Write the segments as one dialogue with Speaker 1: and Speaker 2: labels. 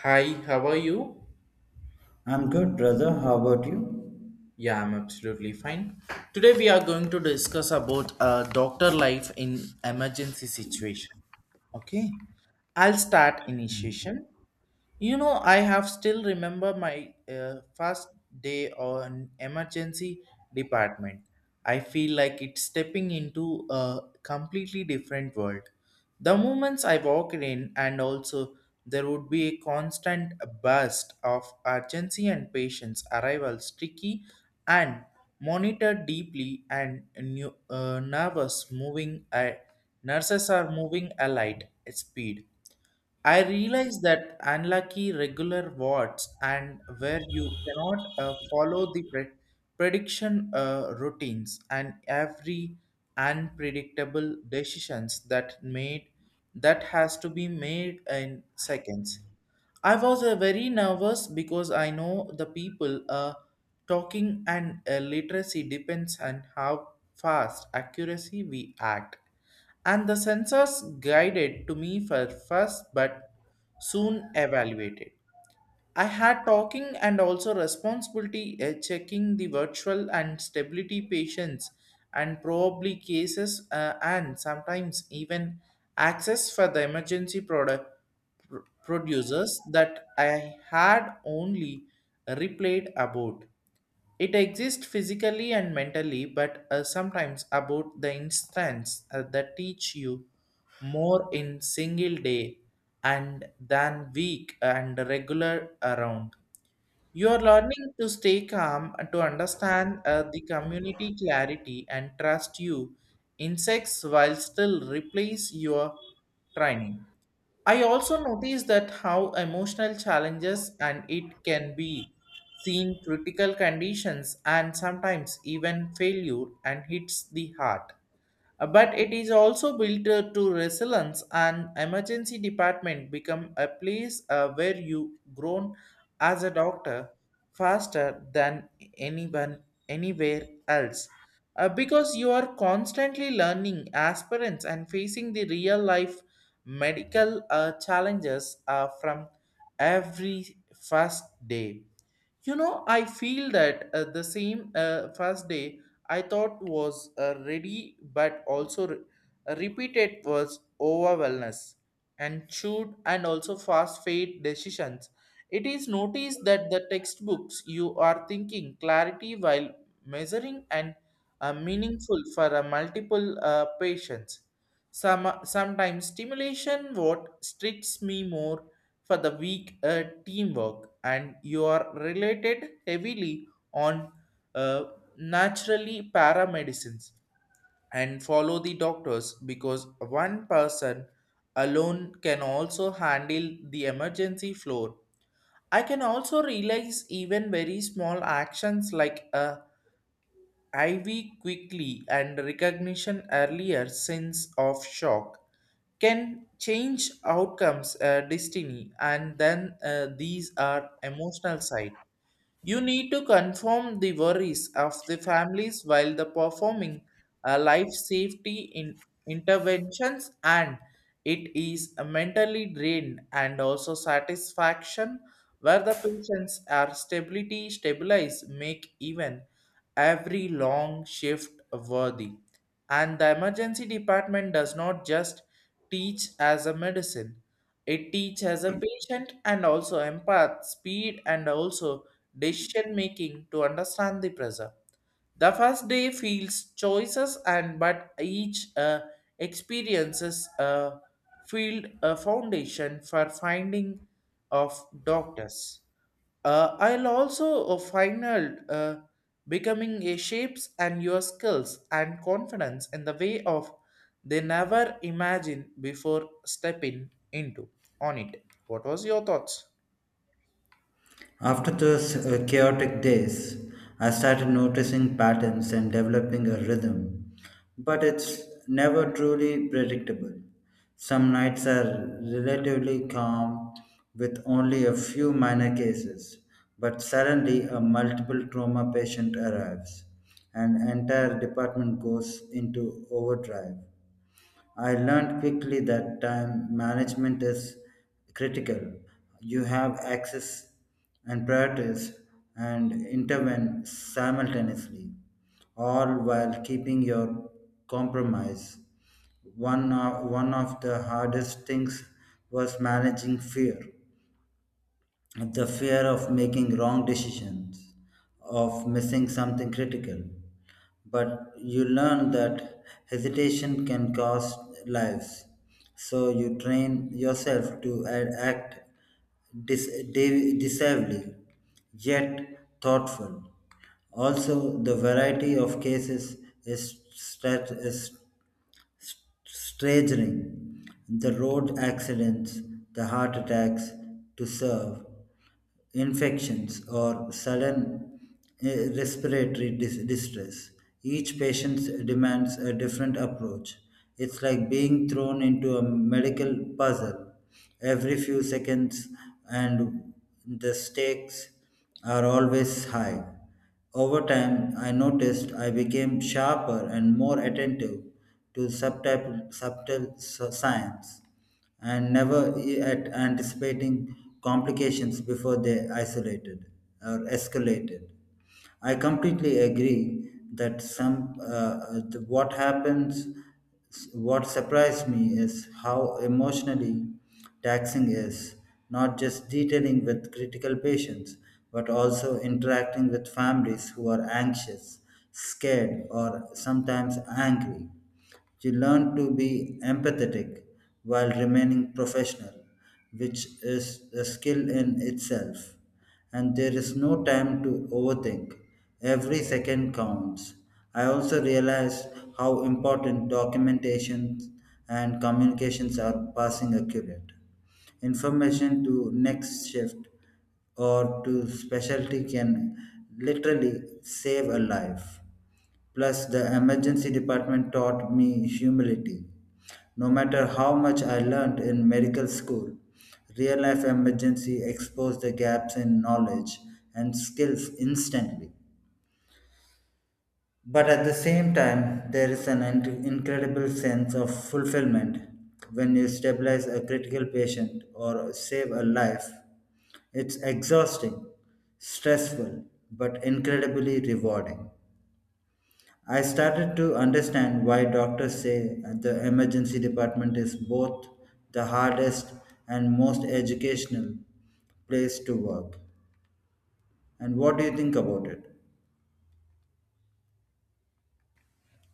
Speaker 1: Hi, how are you?
Speaker 2: I'm good, brother. How about you?
Speaker 1: Yeah, I'm absolutely fine. Today we are going to discuss about doctor life in emergency situation. Okay, I'll start initiation. You know, I have still remember my first day on emergency department. I feel like it's stepping into a completely different world. The moments I walked in, and also there would be a constant burst of urgency and patients arrivals, tricky and monitored deeply, and new nervous moving. Nurses are moving a light speed. I realize that unlucky regular wards and where you cannot follow the prediction routines and every unpredictable decisions that made that has to be made in seconds. I was very nervous because I know the people talking and literacy depends on how fast accuracy we act, and the sensors guided to me for first but soon evaluated. I had talking and also responsibility checking the virtual and stability patients and probably cases and sometimes even access for the emergency product producers that I had only replayed about. It exists physically and mentally, but sometimes about the instance that teach you more in single day and than week and regular around. You are learning to stay calm, and to understand the community clarity and trust you insects while still replace your training. I also noticed that how emotional challenges and it can be seen critical conditions and sometimes even failure and hits the heart. But it is also built to resilience, and emergency department become a place where you grown as a doctor faster than anyone anywhere else. Because you are constantly learning aspirants and facing the real life medical challenges from every first day. You know, I feel that the same first day I thought was ready, but also repeated was over wellness and shoot and also fast fade decisions. It is noticed that the textbooks you are thinking clarity while measuring and meaningful for a multiple patients. Sometimes stimulation what strikes me more for the week teamwork and you are related heavily on uh, naturally paramedicines and follow the doctors, because one person alone can also handle the emergency floor. I can also realize even very small actions like a IV quickly, and recognition earlier sense of shock can change outcomes, destiny, and then these are emotional side. You need to confirm the worries of the families while the performing life safety in interventions, and it is a mentally drained and also satisfaction where the patients are stability stabilized make even every long shift worthy. And the emergency department does not just teach as a medicine, it teaches a patient and also empath speed and also decision making to understand the pressure. The first day feels choices, and but each experiences a field a foundation for finding of doctors. I'll also final becoming a shapes and your skills and confidence in the way of they never imagined before stepping into on it. What was your thoughts?
Speaker 2: After those chaotic days, I started noticing patterns and developing a rhythm, but it's never truly predictable. Some nights are relatively calm with only a few minor cases, but suddenly a multiple trauma patient arrives. An entire department goes into overdrive. I learned quickly that time management is critical. You have access and priorities and intervene simultaneously, all while keeping your compromise. One of the hardest things was managing fear, the fear of making wrong decisions, of missing something critical. But you learn that hesitation can cost lives. So you train yourself to act decisively, yet thoughtful. Also, the variety of cases is staggering. The road accidents, the heart attacks to serve infections or sudden uh, respiratory distress. Each patient demands a different approach. It's like being thrown into a medical puzzle every few seconds, and the stakes are always high. Over time, I noticed I became sharper and more attentive to subtle science and never e-, at anticipating complications before they isolated or escalated. I completely agree that some the, what happens, what surprised me is how emotionally taxing is, not just detailing with critical patients but also interacting with families who are anxious, scared, or sometimes angry. You learn to be empathetic while remaining professional, which is a skill in itself. And there is no time to overthink. Every second counts. I also realized how important documentation and communications are, passing accurate information to next shift or to specialty can literally save a life. Plus, the emergency department taught me humility. No matter how much I learned in medical school, real life emergency exposed the gaps in knowledge and skills instantly. But at the same time, there is an incredible sense of fulfillment when you stabilize a critical patient or save a life. It's exhausting, stressful, but incredibly rewarding. I started to understand why doctors say the emergency department is both the hardest and most educational place to work. And what do you think about it?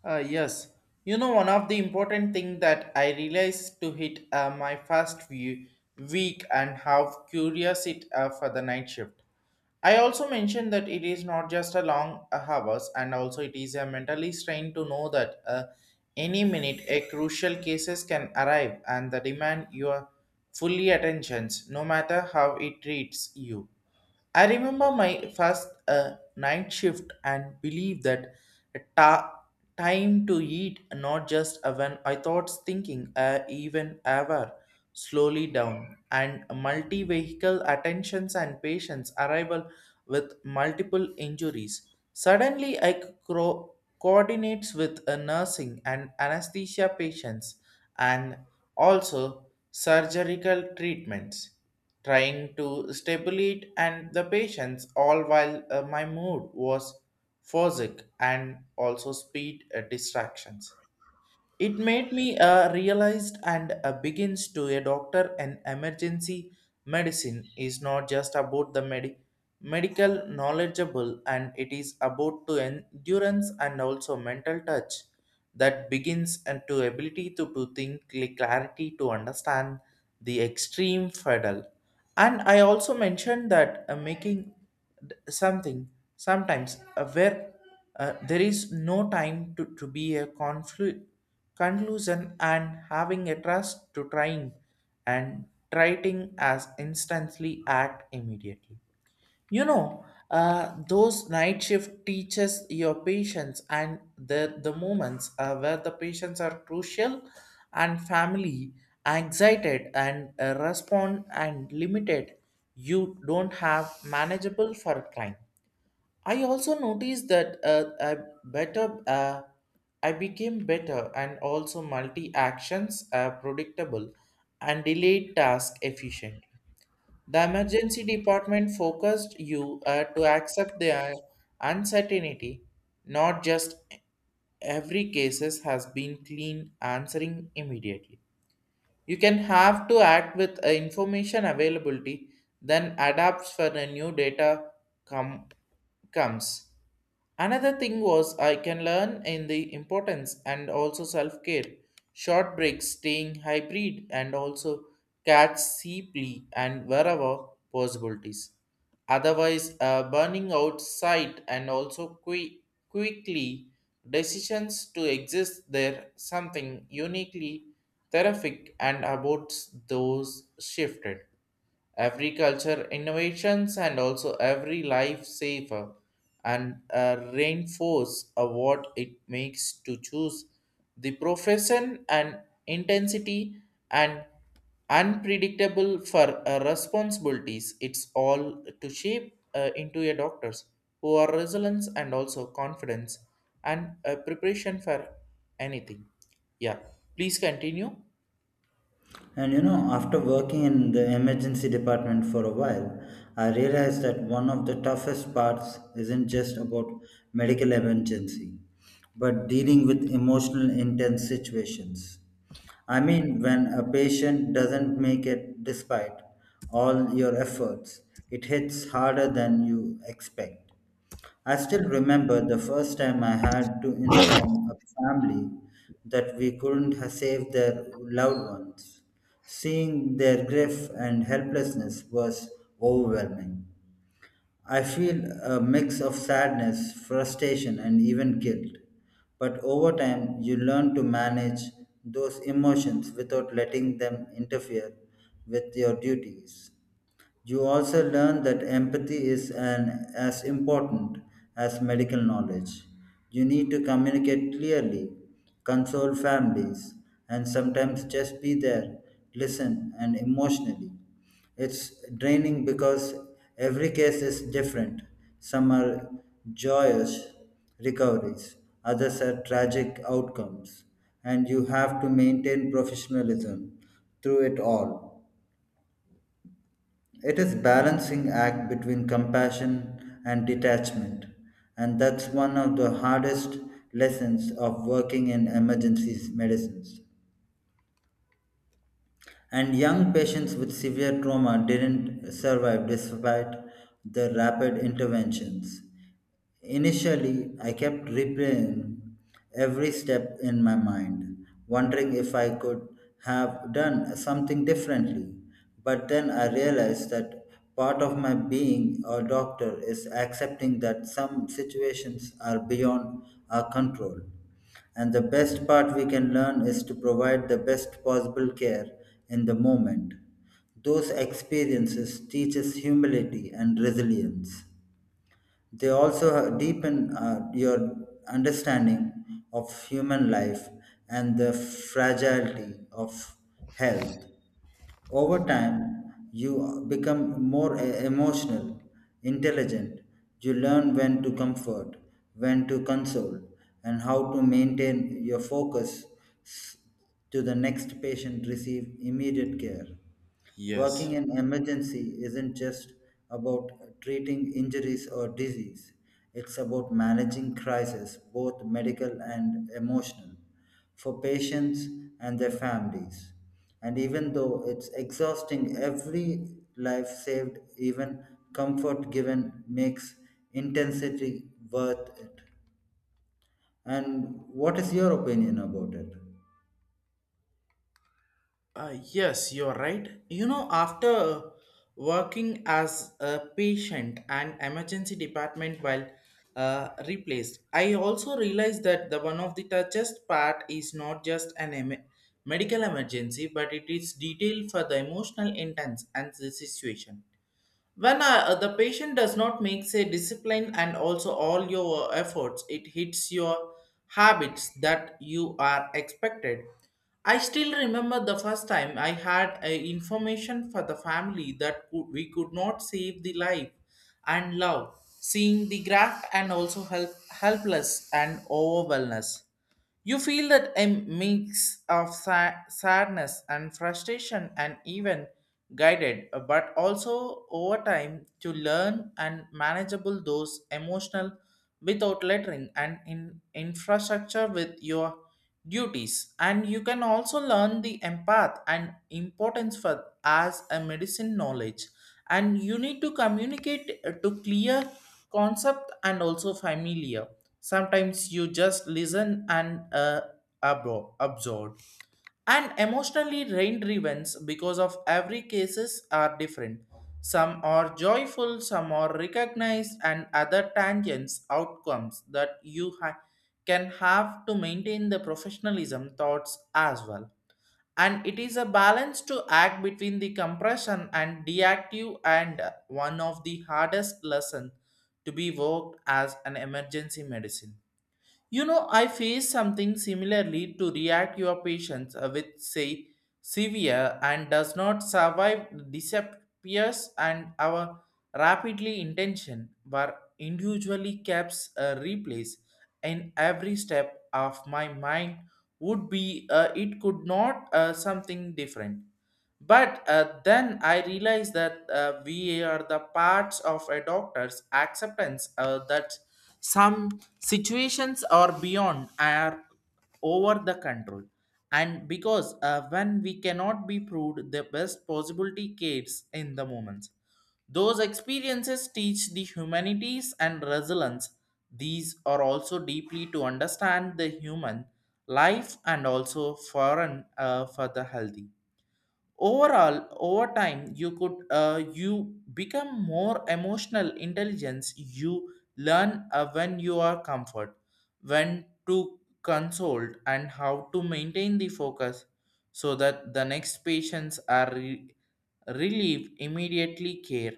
Speaker 1: Yes. You know, one of the important thing that I realized to hit my first view week and how curious it for the night shift. I also mentioned that it is not just a long hours, and also it is a mentally strain to know that any minute a crucial cases can arrive and the demand your fully attentions no matter how it treats you. I remember my first night shift and believe that ta- time to eat, not just when I thought thinking, even ever slowly down and multi vehicle attentions and patients arrival with multiple injuries. Suddenly, I coordinates with a nursing and anesthesia patients and also surgical treatments, trying to stimulate and the patience, all while my mood was fozic and also speed distractions. It made me realized and begins to a doctor, and emergency medicine is not just about the medical knowledgeable, and it is about to endurance and also mental touch that begins and to ability to think clarity to understand the extreme fiddle. And I also mentioned that making something sometimes where there is no time to be a conclusion and having a trust to trying and trying as instantly act immediately. You know, those night shift teaches your patience and the moments where the patients are crucial and family excited and respond and limited. You don't have manageable for time. I also noticed that better uh, I became better and also multi actions predictable and delayed task efficient. The emergency department focused you to accept the uncertainty, not just every cases has been clean answering immediately. You can have to act with information availability, then adapts for the new data come comes. Another thing was I can learn in the importance and also self care, short breaks, staying hybrid, and also catch cheaply and wherever possibilities. Otherwise, burning out sight and also quickly decisions to exist there something uniquely terrific and about those shifted every culture innovations and also every life saver, and reinforce what it makes to choose the profession and intensity and unpredictable for responsibilities. It's all to shape into a doctors who are resilience and also confidence and preparation for anything. Yeah, please continue.
Speaker 2: And you know, after working in the emergency department for a while, I realized that one of the toughest parts isn't just about medical emergency, but dealing with emotional intense situations. I mean, when a patient doesn't make it despite all your efforts, it hits harder than you expect. I still remember the first time I had to inform a family that we couldn't save their loved ones. Seeing their grief and helplessness was overwhelming. I feel a mix of sadness, frustration, and even guilt. But over time, you learn to manage those emotions without letting them interfere with your duties. You also learn that empathy is as important as medical knowledge. You need to communicate clearly, console families, and sometimes just be there, listen, and emotionally. It's draining because every case is different. Some are joyous recoveries, others are tragic outcomes, and you have to maintain professionalism through it all. It is balancing act between compassion and detachment, and that's one of the hardest lessons of working in emergency medicines. And young patients with severe trauma didn't survive despite the rapid interventions. Initially, I kept replaying every step in my mind, wondering if I could have done something differently. But then I realized that part of my being a doctor is accepting that some situations are beyond our control. And the best part we can learn is to provide the best possible care in the moment. Those experiences teach us humility and resilience. They also deepen your understanding of human life and the fragility of health. Over time, you become more emotional, intelligent. You learn when to comfort, when to console, and how to maintain your focus s- to the next patient receive immediate care. Working in emergency isn't just about treating injuries or disease. It's about managing crises, both medical and emotional, for patients and their families. And even though it's exhausting, every life saved, even comfort given, makes intensity worth it. And what is your opinion about it?
Speaker 1: Yes, you're right. You know, after working as a patient and emergency department while replaced, I also realized that the one of the toughest part is not just an medical emergency, but it is detailed for the emotional intense and the situation when the patient does not make say discipline, and also all your efforts it hits your habits that you are expected. I still remember the first time I had a information for the family that could, we could not save the life and love, seeing the graph and also help helpless and overwhelmness. You feel that a mix of sadness and frustration and even guided, but also over time to learn and manageable those emotional without lettering and in infrastructure with your duties. And you can also learn the empath and importance for as a medicine knowledge, and you need to communicate to clear concept and also familiar. Sometimes you just listen and absorb and emotionally rain events, because of every cases are different. Some are joyful, some are recognized, and other tangents outcomes that can have to maintain the professionalism thoughts as well. And it is a balance to act between the compression and deactive, and one of the hardest lesson to be worked as an emergency medicine. You know, I face something similarly to react your patients with say severe and does not survive disappears, and our rapidly intention were individually kept a replace in every step of my mind, would be it could not something different. But then I realized that we are the parts of a doctor's acceptance that some situations are beyond are over the control. And because when we cannot be proved the best possibility case in the moments, those experiences teach the humanities and resilience. These are also deeply to understand the human life and also foreign for the healthy overall. Over time you could you become more emotional intelligence. You learn when you are comfort, when to consult, and how to maintain the focus, so that the next patients are relieved immediately care.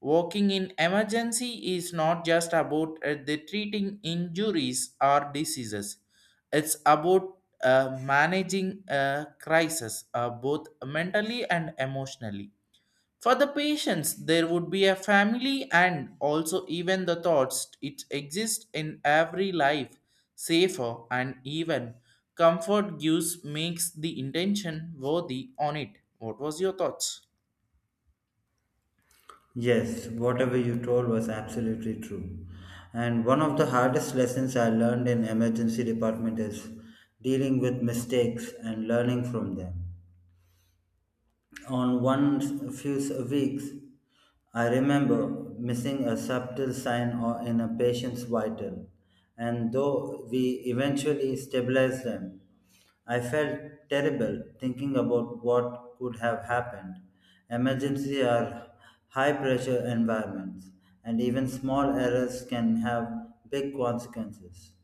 Speaker 1: Working in emergency is not just about the treating injuries or diseases. It's about managing a crisis both mentally and emotionally. For the patients, there would be a family and also even the thoughts it exists in every life, safer and even comfort gives makes the intention worthy on it. What was your thoughts?
Speaker 2: Yes, whatever you told was absolutely true. And one of the hardest lessons I learned in emergency department is dealing with mistakes and learning from them. On one few weeks, I remember missing a subtle sign or in a patient's vital, and though we eventually stabilized them, I felt terrible thinking about what could have happened. Emergency are high pressure environments, and even small errors can have big consequences,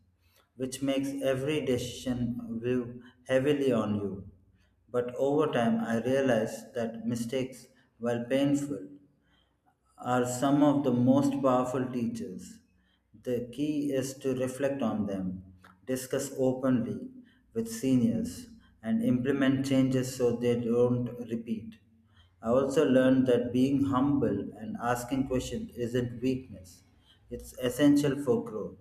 Speaker 2: which makes every decision view heavily on you. But over time, I realized that mistakes, while painful, are some of the most powerful teachers. The key is to reflect on them, discuss openly with seniors, and implement changes so they don't repeat. I also learned that being humble and asking questions isn't weakness, it's essential for growth.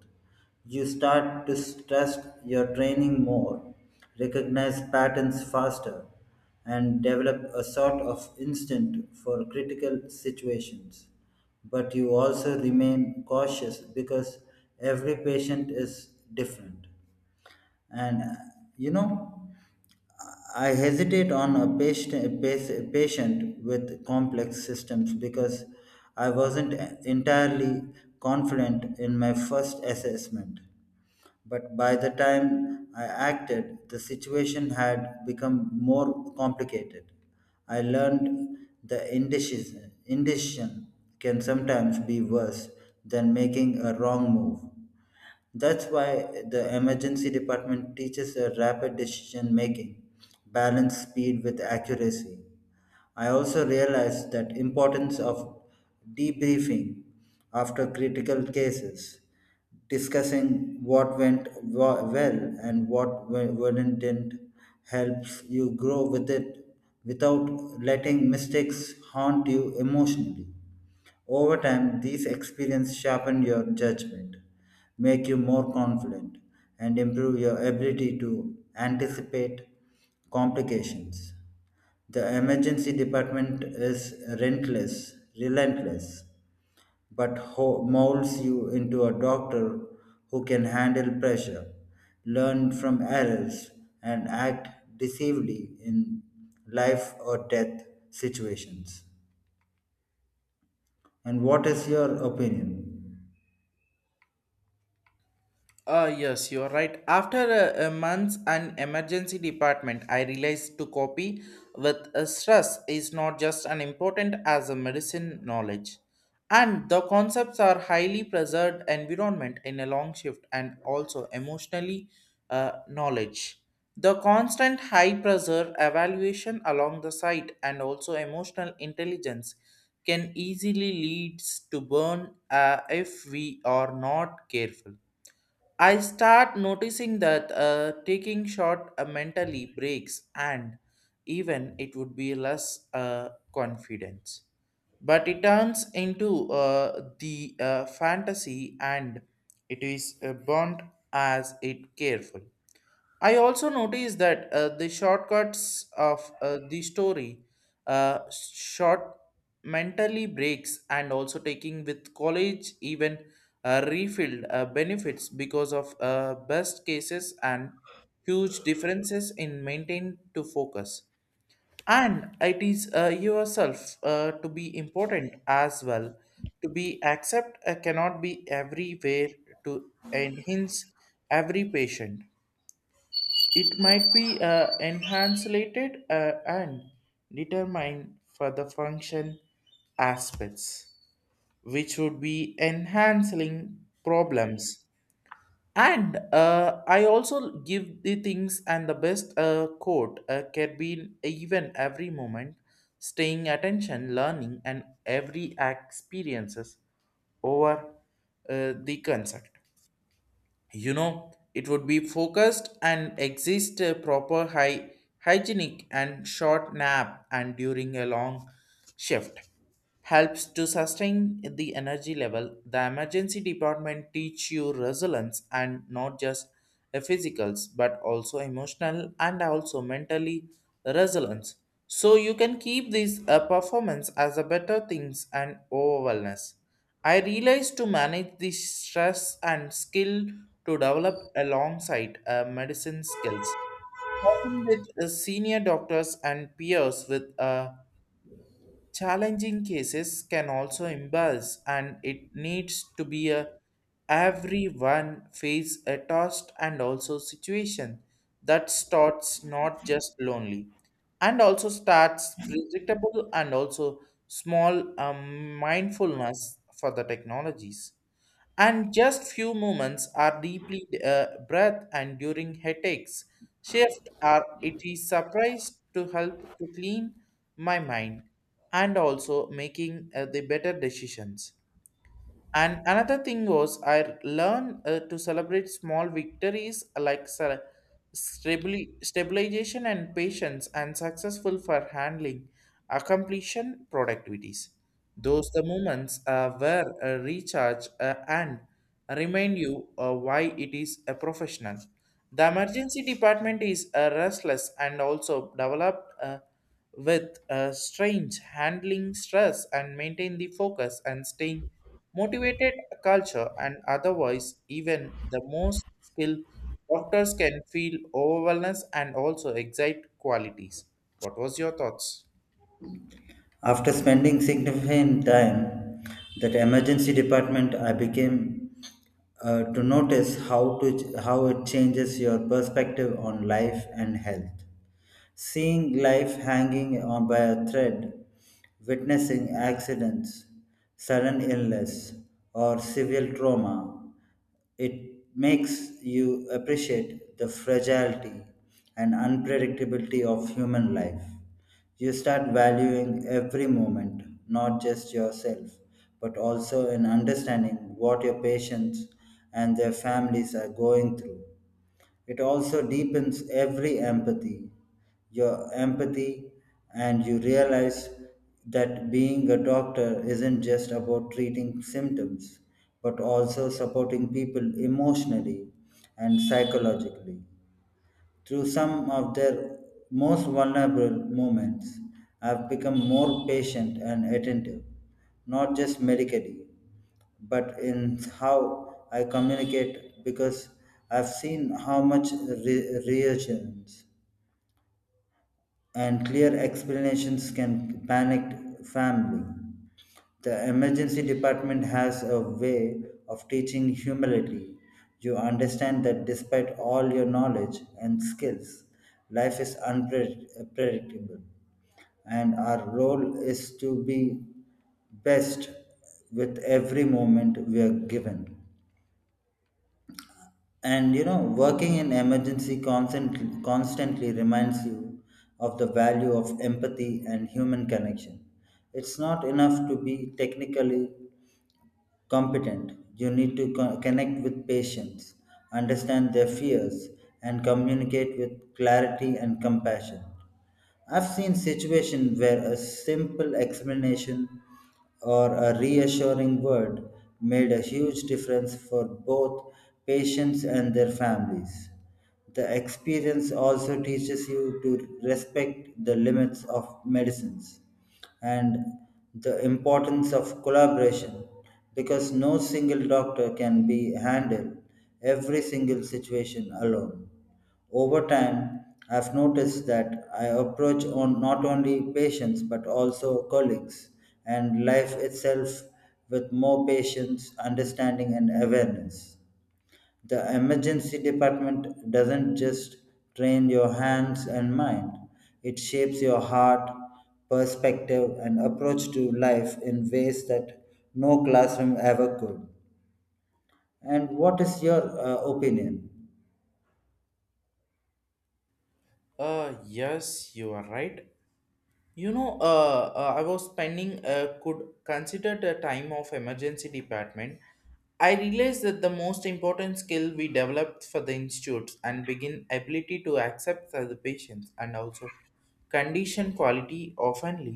Speaker 2: You start to trust your training more, recognize patterns faster, and develop a sort of instinct for critical situations. But you also remain cautious because every patient is different. And You know, I hesitate on a patient with complex systems because I wasn't entirely confident in my first assessment. But by the time I acted, the situation had become more complicated. I learned the indecision can sometimes be worse than making a wrong move. That's why the emergency department teaches a rapid decision making, balance speed with accuracy. I also realized that importance of debriefing after critical cases, discussing what went well and what w- wouldn't didn't, helps you grow with it without letting mistakes haunt you emotionally. Over time, these experiences sharpen your judgment, make you more confident, and improve your ability to anticipate complications. The emergency department is relentless but molds you into a doctor who can handle pressure, learn from errors, and act decisively in life or death situations. And what is your opinion?
Speaker 1: Yes, you are right. After a month, an emergency department, I realized to copy with a stress is not just an important as a medicine knowledge. And the concepts are highly preserved environment in a long shift and also emotionally knowledge. The constant high pressure evaluation along the site and also emotional intelligence can easily leads to burn if we are not careful. I start noticing that taking short mentally breaks, and even it would be less confidence. But it turns into the fantasy, and it is burnt as it careful. I also noticed that the shortcuts of the story, short mentally breaks, and also taking with college even refilled benefits, because of best cases and huge differences in maintain to focus. And it is yourself to be important as well. To be accept cannot be everywhere to enhance every patient. It might be encapsulated and determined for the function aspects, which would be enhancing problems. And I also give the things and the best quote can be even every moment, staying attention, learning, and every experiences over the concept, you know, it would be focused and exist a proper high hygienic and short nap and during a long shift helps to sustain the energy level. The emergency department teach you resilience and not just a physicals but also emotional and also mentally resilience. So you can keep this performance as a better things and overwellness. I realized to manage the stress and skill to develop alongside medicine skills. Working with senior doctors and peers with challenging cases can also embarrass and it needs to be a everyone face a tossed and also situation that starts not just lonely and also starts predictable and also small mindfulness for the technologies and just few moments are deeply breath and during headaches shift are it is surprised to help to clean my mind and also making the better decisions and another thing was I learned to celebrate small victories like stabilization and patience and successful for handling completion productivities. Those the moments were a recharge and remind you why it is a professional. The emergency department is restless and also developed. With strange handling stress and maintain the focus and staying motivated culture and otherwise even the most skilled doctors can feel overwhelmed and also excite qualities. What was your thoughts?
Speaker 2: After spending significant time that emergency department, I became to notice how it changes your perspective on life and health. Seeing life hanging on by a thread, witnessing accidents, sudden illness, or severe trauma, it makes you appreciate the fragility and unpredictability of human life. You start valuing every moment, not just yourself, but also in understanding what your patients and their families are going through. It also deepens every empathy your empathy, and you realize that being a doctor isn't just about treating symptoms, but also supporting people emotionally and psychologically. Through some of their most vulnerable moments, I've become more patient and attentive, not just medically, but in how I communicate because I've seen how much reassurance and clear explanations can panic family. The emergency department has a way of teaching humility. You understand that despite all your knowledge and skills, life is unpredictable, and our role is to be best with every moment we are given. And you know, working in emergency constantly reminds you of the value of empathy and human connection. It's not enough to be technically competent, you need to connect with patients, understand their fears, and communicate with clarity and compassion. I've seen situations where a simple explanation or a reassuring word made a huge difference for both patients and their families. The experience also teaches you to respect the limits of medicines and the importance of collaboration because no single doctor can be handled every single situation alone. Over time, I've noticed that I approach on not only patients but also colleagues and life itself with more patience, understanding, and awareness. The emergency department doesn't just train your hands and mind, it shapes your heart, perspective, and approach to life in ways that no classroom ever could. And what is your opinion?
Speaker 1: Yes, you are right. You know, I was spending could consider the time of emergency department. I realized that the most important skill we developed for the institutes and begin ability to accept the patients and also condition quality oftenly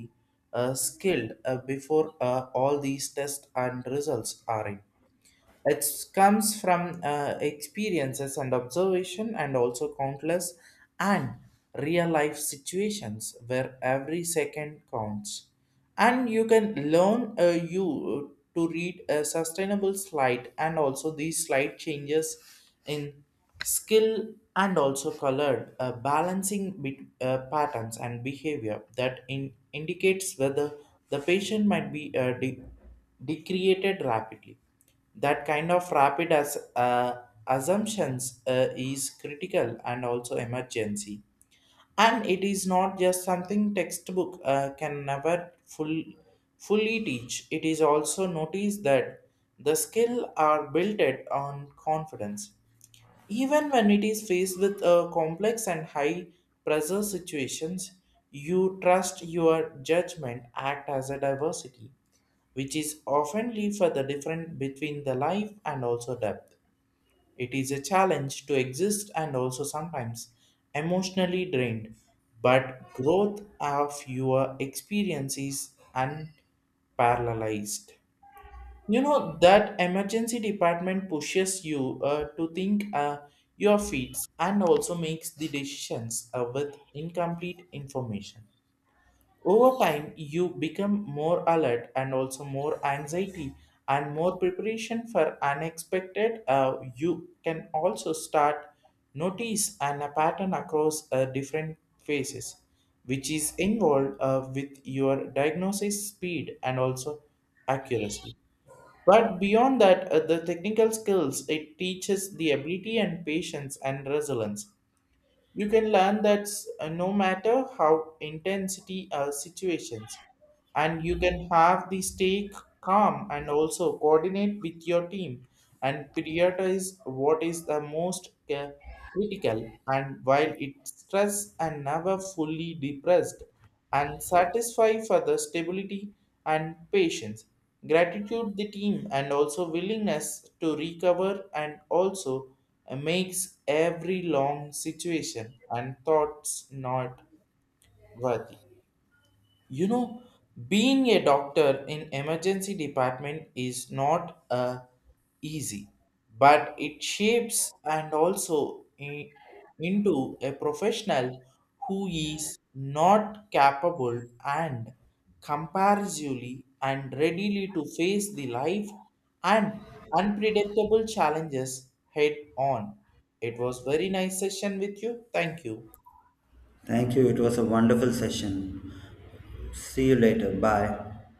Speaker 1: skilled before all these tests and results are in. It comes from experiences and observation, and also countless and real life situations where every second counts. And you can learn, you to read a sustainable slide, and also these slide changes in skill and also colored balancing patterns and behavior that indicates whether the patient might be decreated rapidly. That kind of rapid as assumptions is critical and also emergency, and it is not just something textbook can never fully teach. It is also noticed that the skill are built it on confidence even when it is faced with a complex and high pressure situations. You trust your judgment act as a diversity, which is often leave for the difference between the life and also depth. It is a challenge to exist and also sometimes emotionally drained, but growth of your experience is unparallelized. You know that emergency department pushes you to think your feet and also makes the decisions with incomplete information. Over time, you become more alert and also more anxiety and more preparation for unexpected. You can also start notice and a pattern across different phases, which is involved with your diagnosis speed and also accuracy. But beyond that, the technical skills it teaches the ability and patience and resilience. You can learn that no matter how intensity situations, and you can have the stay calm and also coordinate with your team and prioritize what is the most critical and while it stress and never fully depressed and satisfy for the stability and patience gratitude the team and also willingness to recover and also makes every long situation and thoughts not worthy. You know, being a doctor in emergency department is not easy, but it shapes and also into a professional who is not capable and comparatively and readily to face the life and unpredictable challenges head on. It was very nice session with you. Thank you.
Speaker 2: Thank you. It was a wonderful session. See you later. Bye.